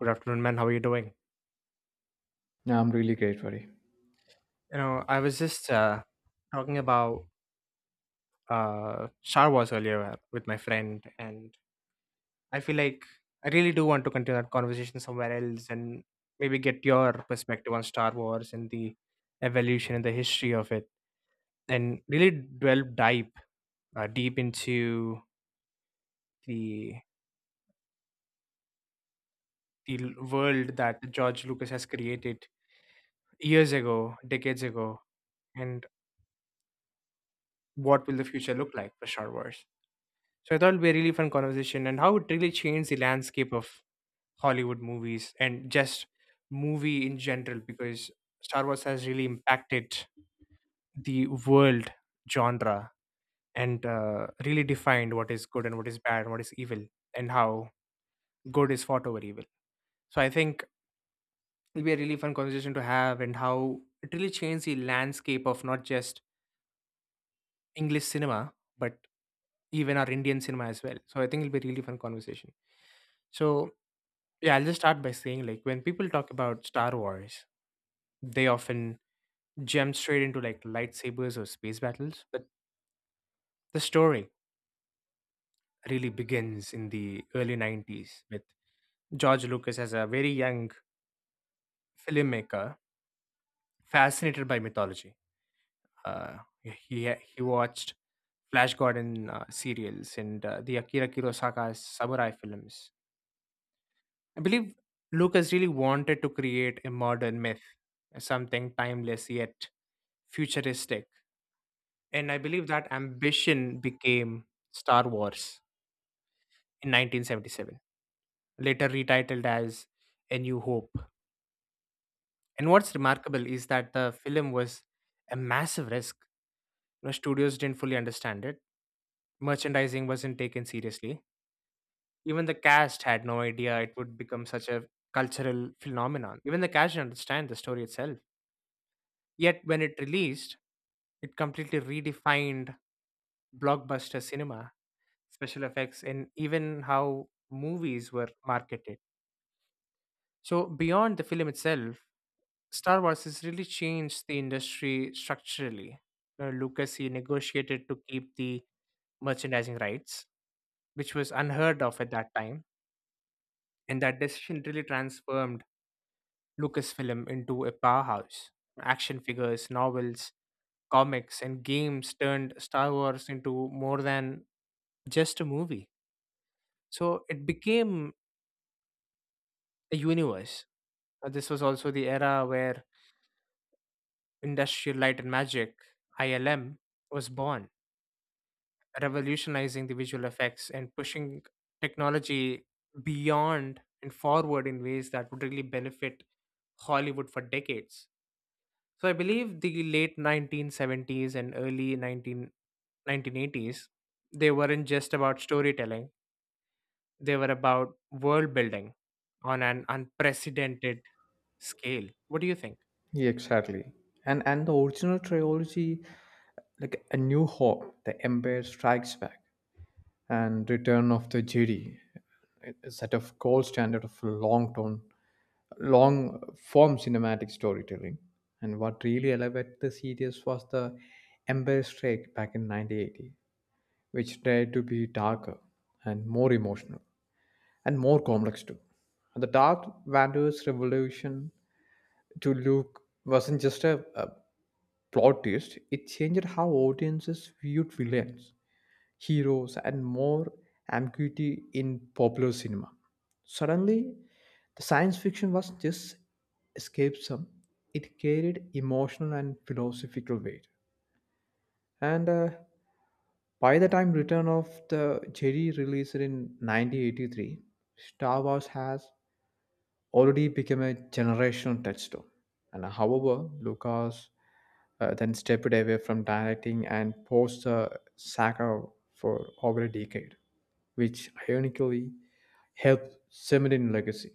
Good afternoon, man. How are you doing? Yeah, I'm really great, buddy. You know, I was just Talking about Star Wars earlier with my friend, and I feel like I really do want to continue that conversation somewhere else and maybe get your perspective on Star Wars and the evolution and the history of it, and really delve deep, deep into the the world that George Lucas has created years ago, decades ago, and what will the future look like for Star Wars? So I thought it'd be a really fun conversation and how it really changed the landscape of Hollywood movies and just movie in general, because Star Wars has really impacted the world genre and really defined what is good and what is bad and what is evil and how good is fought over evil. So I think it'll be a really fun conversation to have and how it really changed the landscape of not just English cinema but even our Indian cinema as well. So I think it'll be a really fun conversation. So yeah, I'll just start by saying, like, when people talk about Star Wars, they often jump straight into like lightsabers or space battles, but the story really begins in the early 90s with George Lucas as a very young filmmaker fascinated by mythology. Uh, he watched Flash Gordon serials and the Akira Kurosaka's samurai films. I believe Lucas really wanted to create a modern myth, something timeless yet futuristic. And I believe that ambition became Star Wars in 1977, later retitled as A New Hope. And what's remarkable is that the film was a massive risk. You know, studios didn't fully understand it. Merchandising wasn't taken seriously. Even the cast had no idea it would become such a cultural phenomenon. Even the cast didn't understand the story itself. Yet when it released, it completely redefined blockbuster cinema, special effects, and even how movies were marketed. So, beyond the film itself, Star Wars has really changed the industry structurally. Lucas, he negotiated to keep the merchandising rights, which was unheard of at that time, and that decision really transformed Lucasfilm into a powerhouse. Action figures, novels, comics, and games turned Star Wars into more than just a movie. So it became a universe. This was also the era where Industrial Light and Magic (ILM) was born, revolutionizing the visual effects and pushing technology beyond and forward in ways that would really benefit Hollywood for decades. So I believe the late 1970s and early 191980s, they weren't just about storytelling, they were about world building on an unprecedented scale. What do you think? Yeah, exactly. And the original trilogy, like A New Hope, The Empire Strikes Back, and Return of the Jedi, a set of gold standard of long tone, long form cinematic storytelling. And what really elevated the series was the Empire Strike back in 1980, which tried to be darker and more emotional and more complex too. And the Darth Vader's revolution to Luke wasn't just a plot twist. It changed how audiences viewed villains, heroes, and more ambiguity in popular cinema. Suddenly, the science fiction was just escapism. It carried emotional and philosophical weight. And By the time Return of the Jedi released in 1983, Star Wars has already become a generational touchstone. And however, Lucas then stepped away from directing and posed the saga for over a decade, which ironically helped cement in legacy.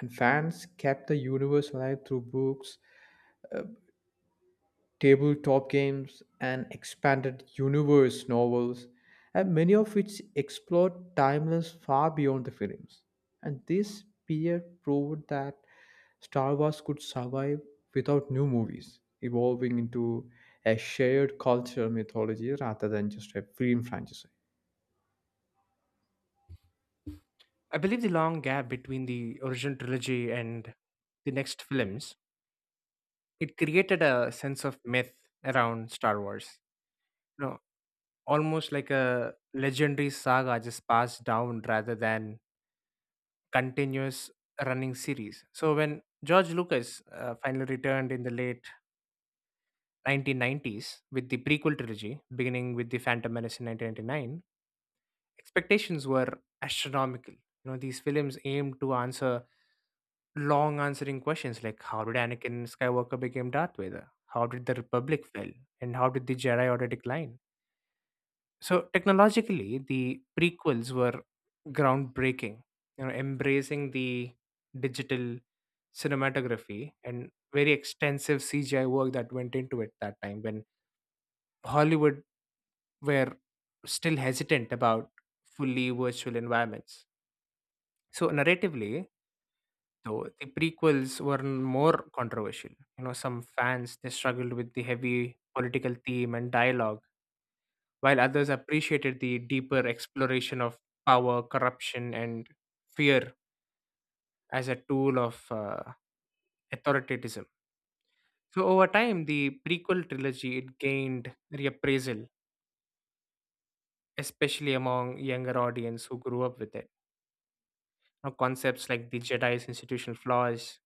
And fans kept the universe alive through books, tabletop games, and expanded universe novels, and many of which explored timelines far beyond the films. And this period proved that Star Wars could survive without new movies, evolving into a shared cultural mythology rather than just a film franchise. I believe the long gap between the original trilogy and the next films, it created a sense of myth around Star Wars. You know, almost like a legendary saga just passed down rather than continuous running series. So when George Lucas finally returned in the late 1990s with the prequel trilogy, beginning with The Phantom Menace in 1999, expectations were astronomical. You know, these films aimed to answer long answering questions like, how did Anakin Skywalker become Darth Vader? How did the Republic fail? And how did the Jedi Order decline? So technologically, the prequels were groundbreaking, you know, embracing the digital cinematography and very extensive CGI work that went into it that time when Hollywood were still hesitant about fully virtual environments. So narratively, though the prequels were more controversial. You know, some fans they struggled with the heavy political theme and dialogue, while others appreciated the deeper exploration of power, corruption, and fear as a tool of authoritarianism. So over time, the prequel trilogy it gained reappraisal, especially among younger audience who grew up with it. Now, concepts like the Jedi's institutional flaws,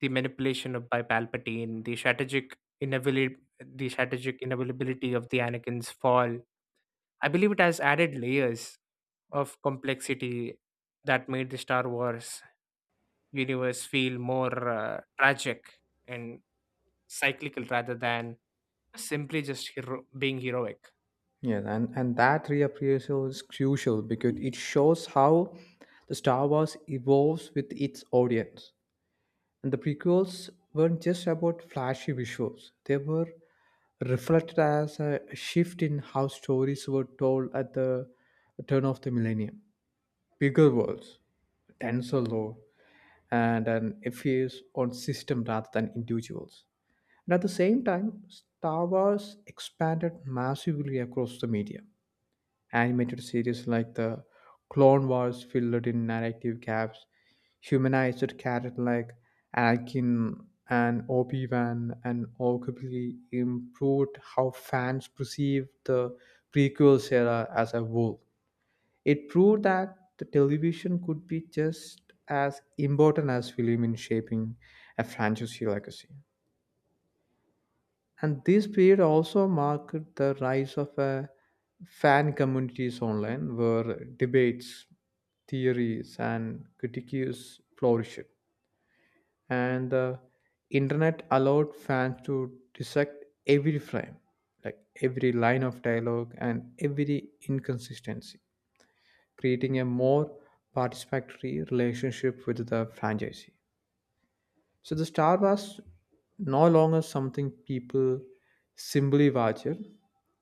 the manipulation of by Palpatine, the strategic inability, the strategic inevitability of the Anakin's fall. I believe it has added layers of complexity that made the Star Wars universe feel more tragic and cyclical rather than simply just being heroic. Yes, and that reappraisal is crucial because it shows how the Star Wars evolves with its audience. And the prequels weren't just about flashy visuals, they were reflected as a shift in how stories were told at the turn of the millennium. Bigger worlds, denser lore, and an emphasis on system rather than individuals. And at the same time, Star Wars expanded massively across the media. Animated series like the Clone Wars filled in narrative gaps, humanized characters like Anakin and Obi-Wan, and arguably improved how fans perceived the prequel era as a whole. It proved that the television could be just as important as film in shaping a franchise legacy. And this period also marked the rise of a fan communities online where debates, theories, and critiques flourished. And the internet allowed fans to dissect every frame, like every line of dialogue and every inconsistency, creating a more participatory relationship with the franchise. So the star was no longer something people simply watched.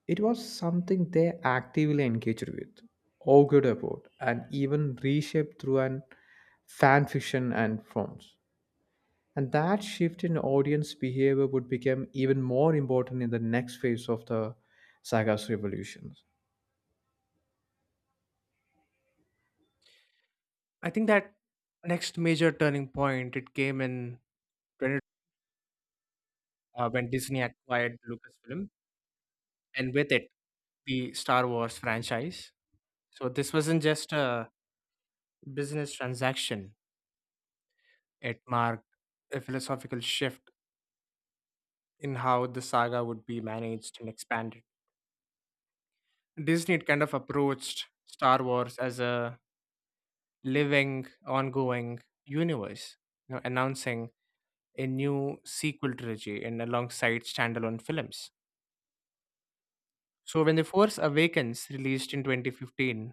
It was something they actively engaged with, argued about, and even reshaped through an fan fiction and films. And that shift in audience behavior would become even more important in the next phase of the saga's revolution. I think that next major turning point it came in 20, when Disney acquired Lucasfilm, and with it the Star Wars franchise. So this wasn't just a business transaction. It marked a philosophical shift in how the saga would be managed and expanded. Disney kind of approached Star Wars as a living, ongoing universe, you know, announcing a new sequel trilogy and alongside standalone films. So when The Force Awakens released in 2015,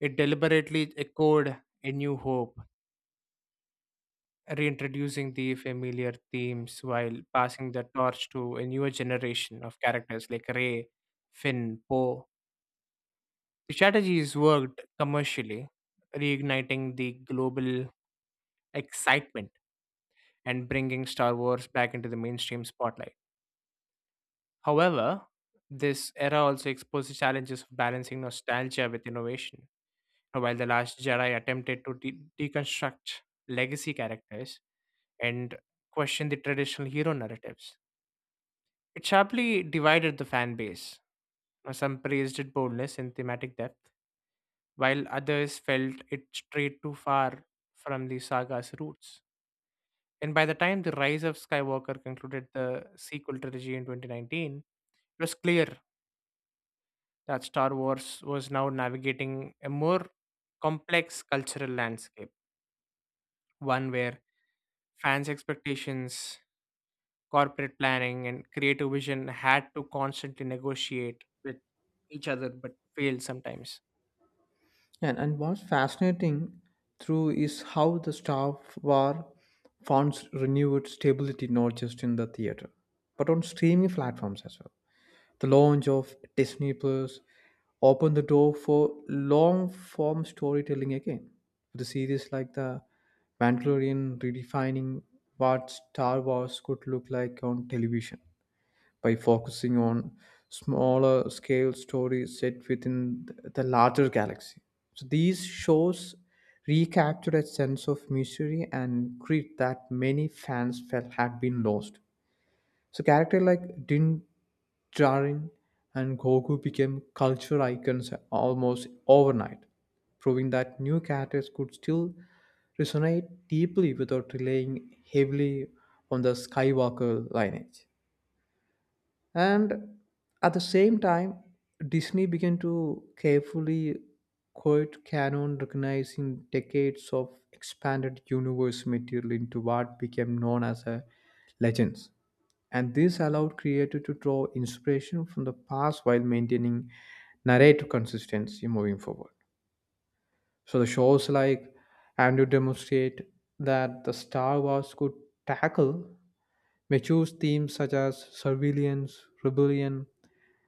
it deliberately echoed A New Hope, reintroducing the familiar themes while passing the torch to a newer generation of characters like Ray, Finn, Poe. The strategies worked commercially, reigniting the global excitement and bringing Star Wars back into the mainstream spotlight. However, this era also exposed the challenges of balancing nostalgia with innovation. While The Last Jedi attempted to deconstruct legacy characters and question the traditional hero narratives, it sharply divided the fan base. Some praised its boldness and thematic depth, while others felt it strayed too far from the saga's roots. And by the time The Rise of Skywalker concluded the sequel trilogy in 2019, it was clear that Star Wars was now navigating a more complex cultural landscape, one where fans' expectations, corporate planning and creative vision had to constantly negotiate with each other, but failed sometimes. Yeah, and what's fascinating through is how the staff were found renewed stability not just in the theater, but on streaming platforms as well. The launch of Disney Plus opened the door for long form storytelling again, with the series like the Mandalorian redefining what Star Wars could look like on television by focusing on smaller scale stories set within the larger galaxy. So these shows recapture a sense of mystery and grit that many fans felt had been lost. So characters like Din Djarin and Goku became culture icons almost overnight, proving that new characters could still resonate deeply without relying heavily on the Skywalker lineage. And at the same time, Disney began to carefully quote canon, recognizing decades of expanded universe material into what became known as a legends. And this allowed creators to draw inspiration from the past while maintaining narrative consistency moving forward. So the shows like Andrew demonstrate that the Star Wars could tackle mature themes such as surveillance, rebellion,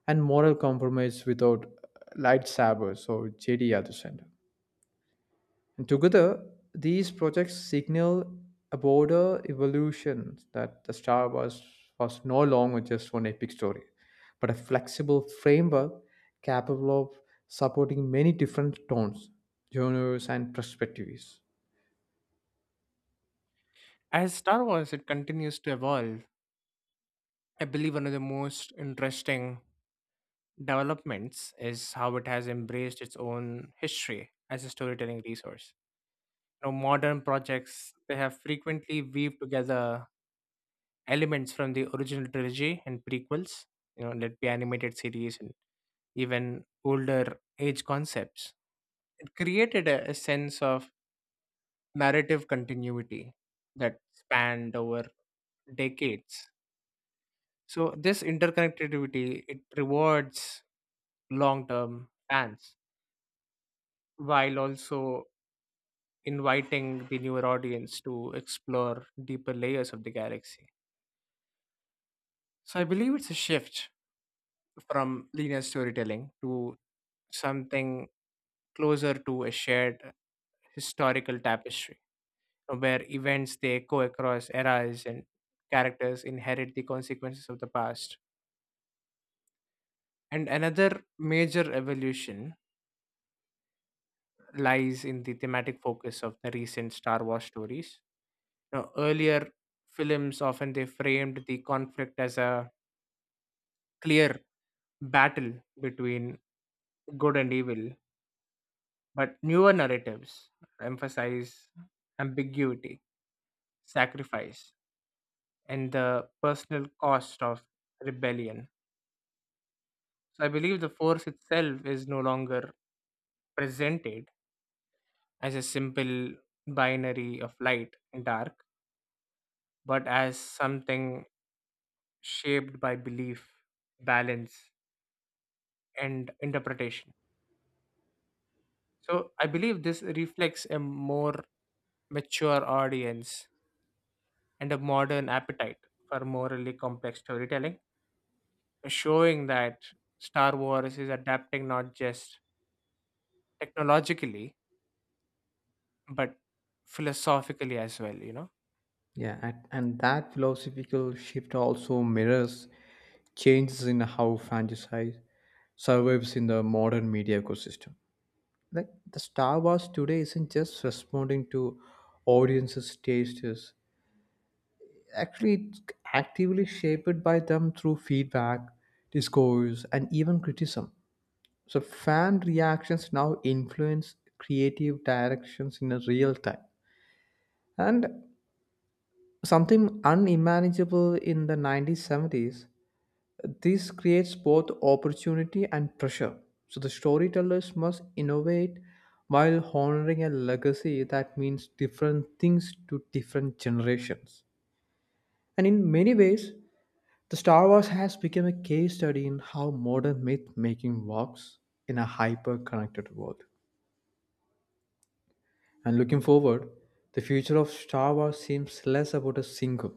and moral compromise without lightsabers or Jedi at the center. And together, these projects signal a broader evolution that the Star Wars was no longer just one epic story, but a flexible framework capable of supporting many different tones, genres, and perspectives. As Star Wars, it continues to evolve. I believe one of the most interesting developments is how it has embraced its own history as a storytelling resource. You know, modern projects they have frequently weaved together elements from the original trilogy and prequels, you know, let be animated series and even older age concepts. It created a sense of narrative continuity that spanned over decades. So this interconnectivity it rewards long-term fans while also inviting the newer audience to explore deeper layers of the galaxy. So I believe it's a shift from linear storytelling to something closer to a shared historical tapestry, where events they go across eras and characters inherit the consequences of the past. And another major evolution lies in the thematic focus of the recent Star Wars stories. Now, earlier films often they framed the conflict as a clear battle between good and evil, but newer narratives emphasize ambiguity, sacrifice, and the personal cost of rebellion. So I believe the force itself is no longer presented as a simple binary of light and dark, but as something shaped by belief, balance, and interpretation. So I believe this reflects a more mature audience and a modern appetite for morally complex storytelling, showing that Star Wars is adapting not just technologically, but philosophically as well, you know. Yeah, and that philosophical shift also mirrors changes in how franchise survives in the modern media ecosystem. Like the Star Wars today isn't just responding to audiences tastes, actually it's actively shaped by them through feedback, discourse, and even criticism. So fan reactions now influence creative directions in a real time, and something unimaginable in the 1970s. This creates both opportunity and pressure. So the storytellers must innovate while honoring a legacy that means different things to different generations. And in many ways, the Star Wars has become a case study in how modern myth making works in a hyper connected world. And looking forward, the future of Star Wars seems less about a single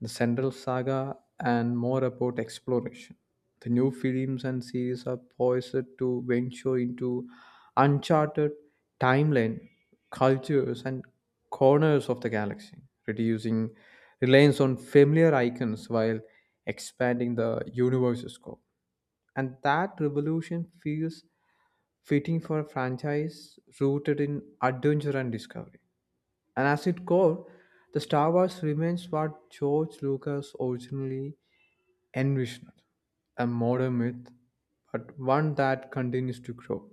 the central saga, and more about exploration. The new films and series are poised to venture into uncharted timeline, cultures, and corners of the galaxy, reducing reliance on familiar icons while expanding the universe's scope. And that revolution feels fitting for a franchise rooted in adventure and discovery. And as its core, the Star Wars remains what George Lucas originally envisioned, a modern myth, but one that continues to grow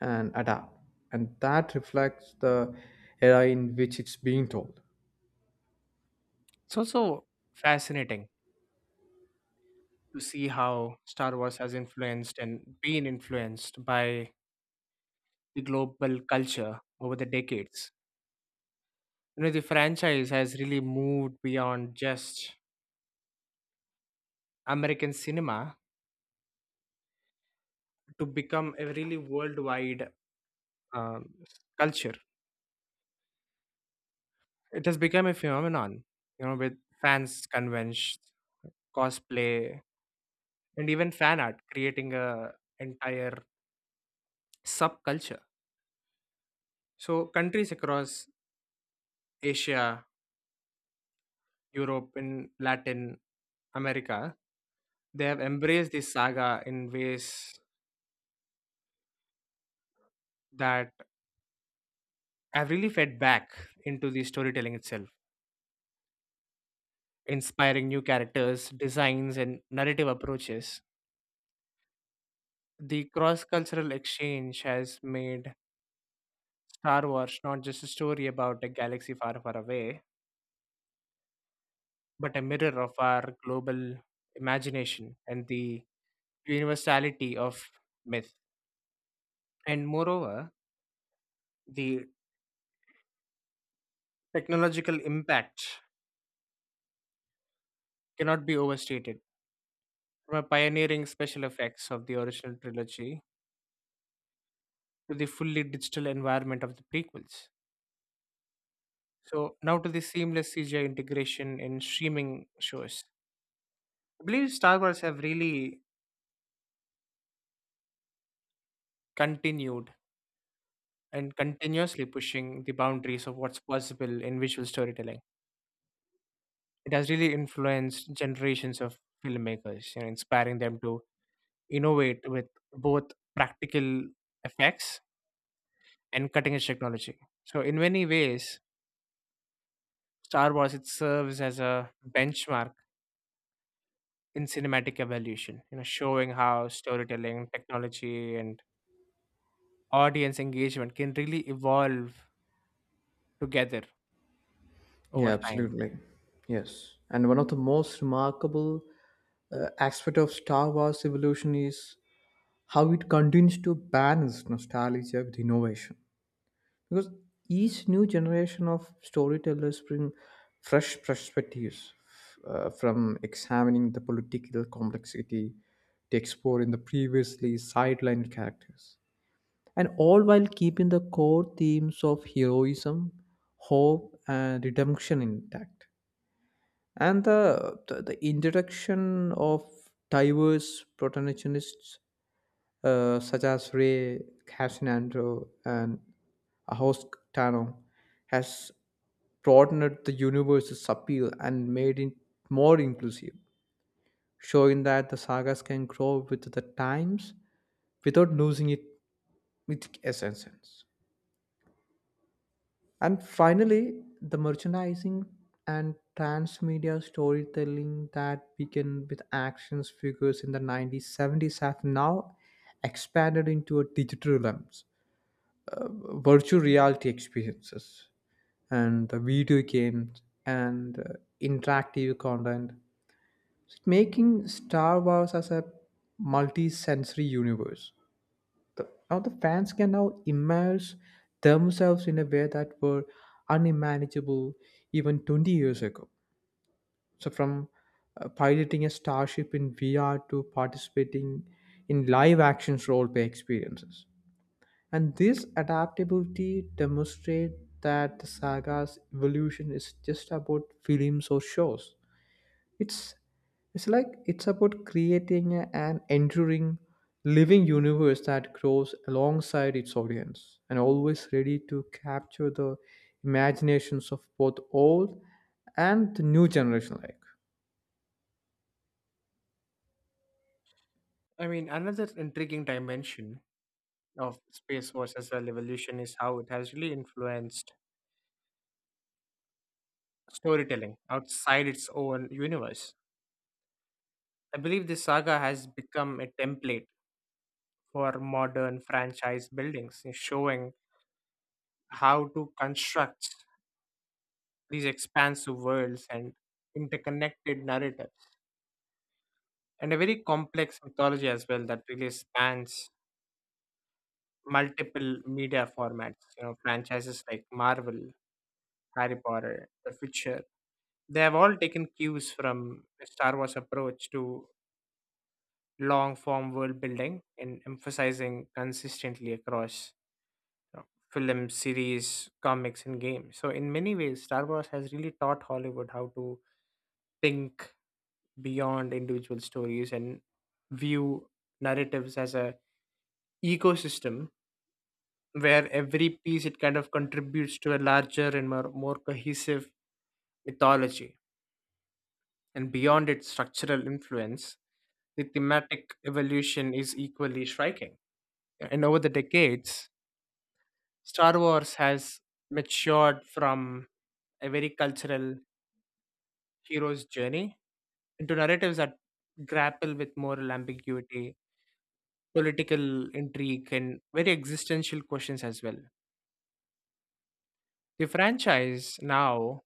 and adapt. And that reflects the era in which it's being told. It's also fascinating to see how Star Wars has influenced and been influenced by the global culture over the decades. You know, the franchise has really moved beyond just American cinema to become a really worldwide um, culture. It has become a phenomenon, you know, with fans conventions, cosplay, and even fan art, creating a entire subculture. So countries across Asia, Europe, and Latin America, they have embraced this saga in ways that I've really fed back into the storytelling itself, inspiring new characters, designs, and narrative approaches. The cross cultural exchange has made Star Wars not just a story about a galaxy far, far away, but a mirror of our global imagination and the universality of myth. And moreover, the technological impact cannot be overstated. From a pioneering special effects of the original trilogy to the fully digital environment of the prequels, so now to the seamless CGI integration in streaming shows. I believe Star Wars have really continued and continuously pushing the boundaries of what's possible in visual storytelling. It has really influenced generations of filmmakers, you know, inspiring them to innovate with both practical effects and cutting edge technology. So in many ways, Star Wars it serves as a benchmark in cinematic evolution, you know, showing how storytelling, technology, and audience engagement can really evolve together over Yeah, time. absolutely. Yes. And one of the most remarkable aspect of Star Wars evolution is how it continues to balance nostalgia with innovation, because each new generation of storytellers bring fresh perspectives, from examining the political complexity to exploring the previously sidelined characters, and all while keeping the core themes of heroism, hope, and redemption intact. And the, introduction of diverse protagonists, such as Ray Casinandro and Ahosk Tano, has broadened the universe's appeal and made it more inclusive, showing that the sagas can grow with the times without losing it, its essence. And finally, the merchandising and transmedia storytelling that began with actions figures in the 1970s have now expanded into a digital realms, virtual reality experiences, and the video games, and interactive content, making Star Wars as a multi-sensory universe. The, now the fans can now immerse themselves in a way that were unimaginable even 20 years ago, so from piloting a starship in VR to participating in live action role play experiences. And this adaptability demonstrates that the saga's evolution is just about films or shows. It's it's about creating an enduring living universe that grows alongside its audience and always ready to capture the imaginations of both old and the new generation like. I mean, another intriguing dimension of Space Force as well evolution is how it has really influenced storytelling outside its own universe. I believe this saga has become a template for modern franchise buildings, showing how to construct these expansive worlds and interconnected narratives, and a very complex mythology as well that really spans multiple media formats, you know, franchises like Marvel, Harry Potter, The Witcher. They have all taken cues from Star Wars approach to long form world building and emphasizing consistently across, you know, films, series, comics, and games. So in many ways, Star Wars has really taught Hollywood how to think beyond individual stories and view narratives as a ecosystem where every piece it kind of contributes to a larger and more cohesive mythology. And beyond its structural influence, the thematic evolution is equally striking, and over the decades, Star Wars has matured from a very cultural hero's journey into narratives that grapple with moral ambiguity, political intrigue and very existential questions as well. The franchise now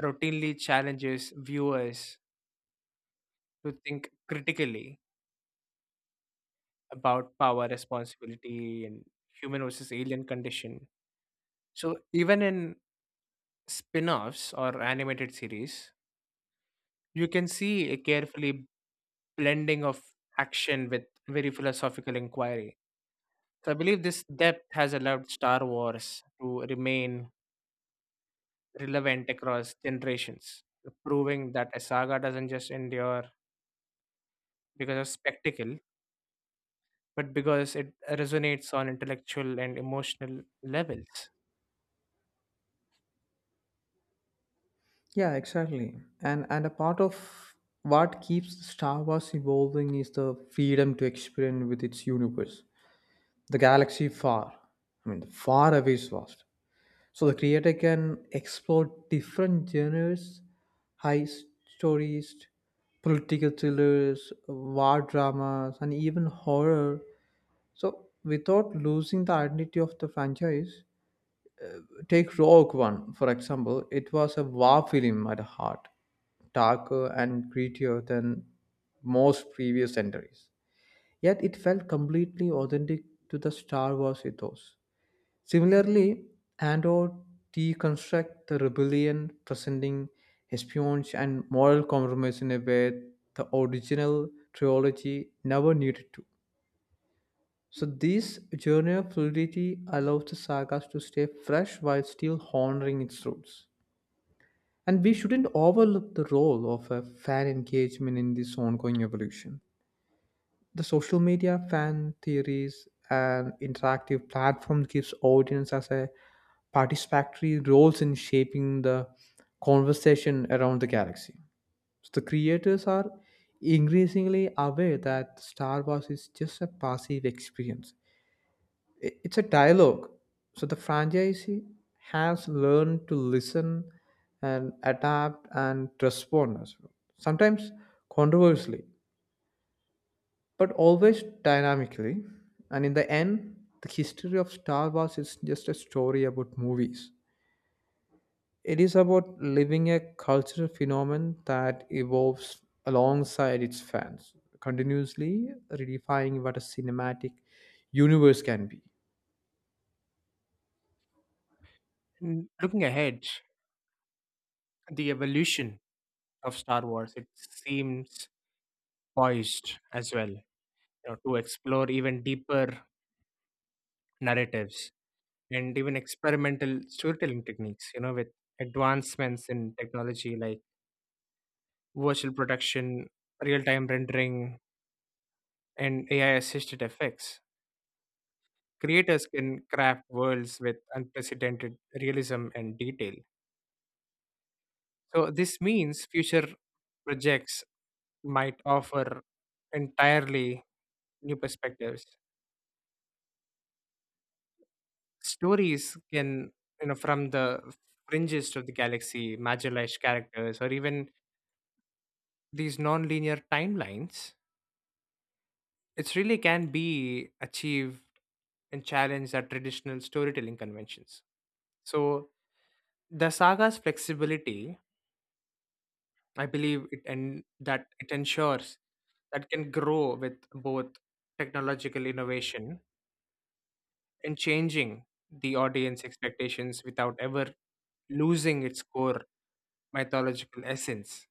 routinely challenges viewers to think critically about power, responsibility, and human versus alien condition. So even in spin-offs or animated series, you can see a carefully blending of action with very philosophical inquiry. So I believe this depth has allowed Star Wars to remain relevant across generations, proving that a saga doesn't just endure because of spectacle, but because it resonates on intellectual and emotional levels. Yeah, exactly. And a part of what keeps Star Wars evolving is the freedom to experiment with its universe. The galaxy far, I mean the far away is vast, so the creator can explore different genres, high stories, political thrillers, war dramas, and even horror, so without losing the identity of the franchise. Take Rogue One for example. It was a war film at heart, darker and grittier than most previous entries, yet it felt completely authentic to the Star Wars ethos. Similarly, Andor deconstructs the rebellion, presenting espionage and moral compromise in a way the original trilogy never needed to. So this genre fluidity allows the sagas to stay fresh while still honoring its roots. And we shouldn't overlook the role of a fan engagement in this ongoing evolution. The social media, fan theories, and interactive platform gives audience as a participatory roles in shaping the conversation around the galaxy. So the creators are increasingly aware that Star Wars is just a passive experience. It's a dialogue. So the franchise has learned to listen and adapt and respond as well. Sometimes controversially, but always dynamically. And in the end, the history of Star Wars is just a story about movies. It is about living a cultural phenomenon that evolves alongside its fans, continuously redefining what a cinematic universe can be. Looking ahead, the evolution of Star Wars, it seems poised as well, you know, to explore even deeper narratives and even experimental storytelling techniques, you know, with advancements in technology like virtual production, real-time rendering, and AI-assisted effects. Creators can craft worlds with unprecedented realism and detail. So this means future projects might offer entirely new perspectives. Stories can, you know, from the fringes of the galaxy, marginalized characters, or even these non-linear timelines, it really can be achieved and challenged at traditional storytelling conventions. So the saga's flexibility, I believe, it and that it ensures that can grow with both technological innovation and changing the audience expectations without ever losing its core mythological essence.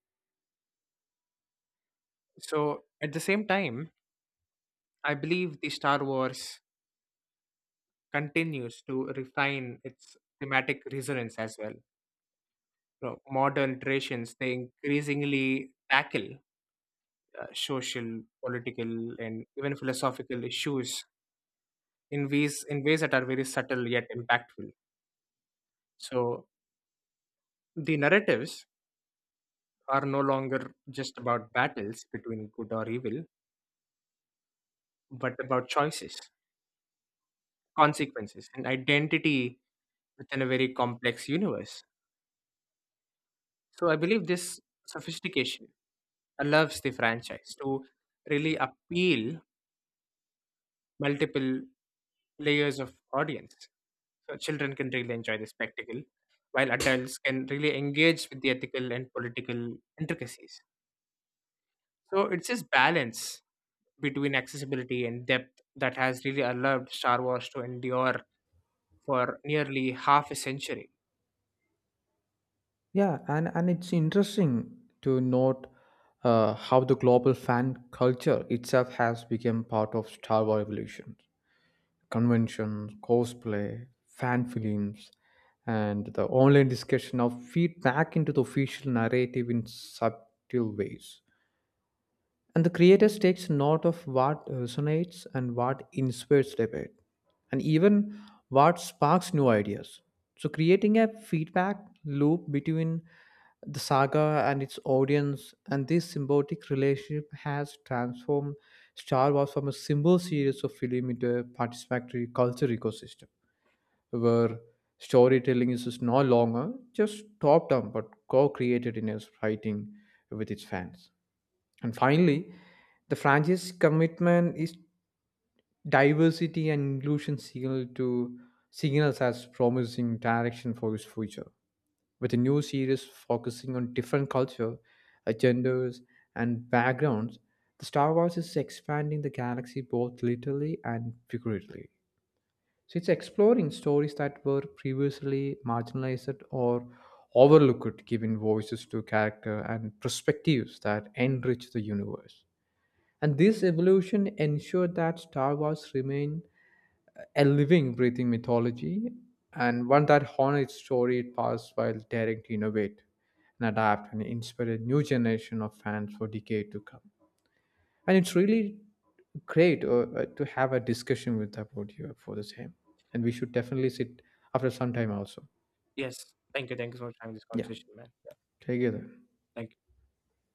So, at the same time, I believe the Star Wars continues to refine its thematic resonance as well. You know, modern iterations they increasingly tackle social, political, and even philosophical issues in ways that are very subtle yet impactful. So, the narratives are no longer just about battles between good or evil, but about choices, consequences, and identity within a very complex universe. So I believe this sophistication allows the franchise to really appeal multiple layers of audience. So children can really enjoy the spectacle, while adults can really engage with the ethical and political intricacies. So it's this balance between accessibility and depth that has really allowed Star Wars to endure for nearly half a century. Yeah, and it's interesting to note how the global fan culture itself has become part of Star Wars evolution. Conventions, cosplay, fan films, and the online discussion now feed back into the official narrative in subtle ways. And the creators takes note of what resonates and what inspires debate, and even what sparks new ideas. So creating a feedback loop between the saga and its audience, and this symbiotic relationship has transformed Star Wars from a simple series of film into a participatory culture ecosystem, where storytelling is just no longer just top-down but co-created in its writing with its fans. And finally, the franchise commitment is diversity and inclusion signal to signals as promising direction for its future. With a new series focusing on different culture, agendas, and backgrounds, the Star Wars is expanding the galaxy both literally and figuratively. So it's exploring stories that were previously marginalized or overlooked, giving voices to character and perspectives that enrich the universe. And this evolution ensured that Star Wars remained a living, breathing mythology and one that honored its story it passed while daring to innovate and adapt and inspire a new generation of fans for decades to come. And it's really great to have a discussion with about you for the same. And we should definitely sit after some time also. Yes. Thank you. Thank you so much for having this Yeah, conversation, man. Yeah. together. Thank you.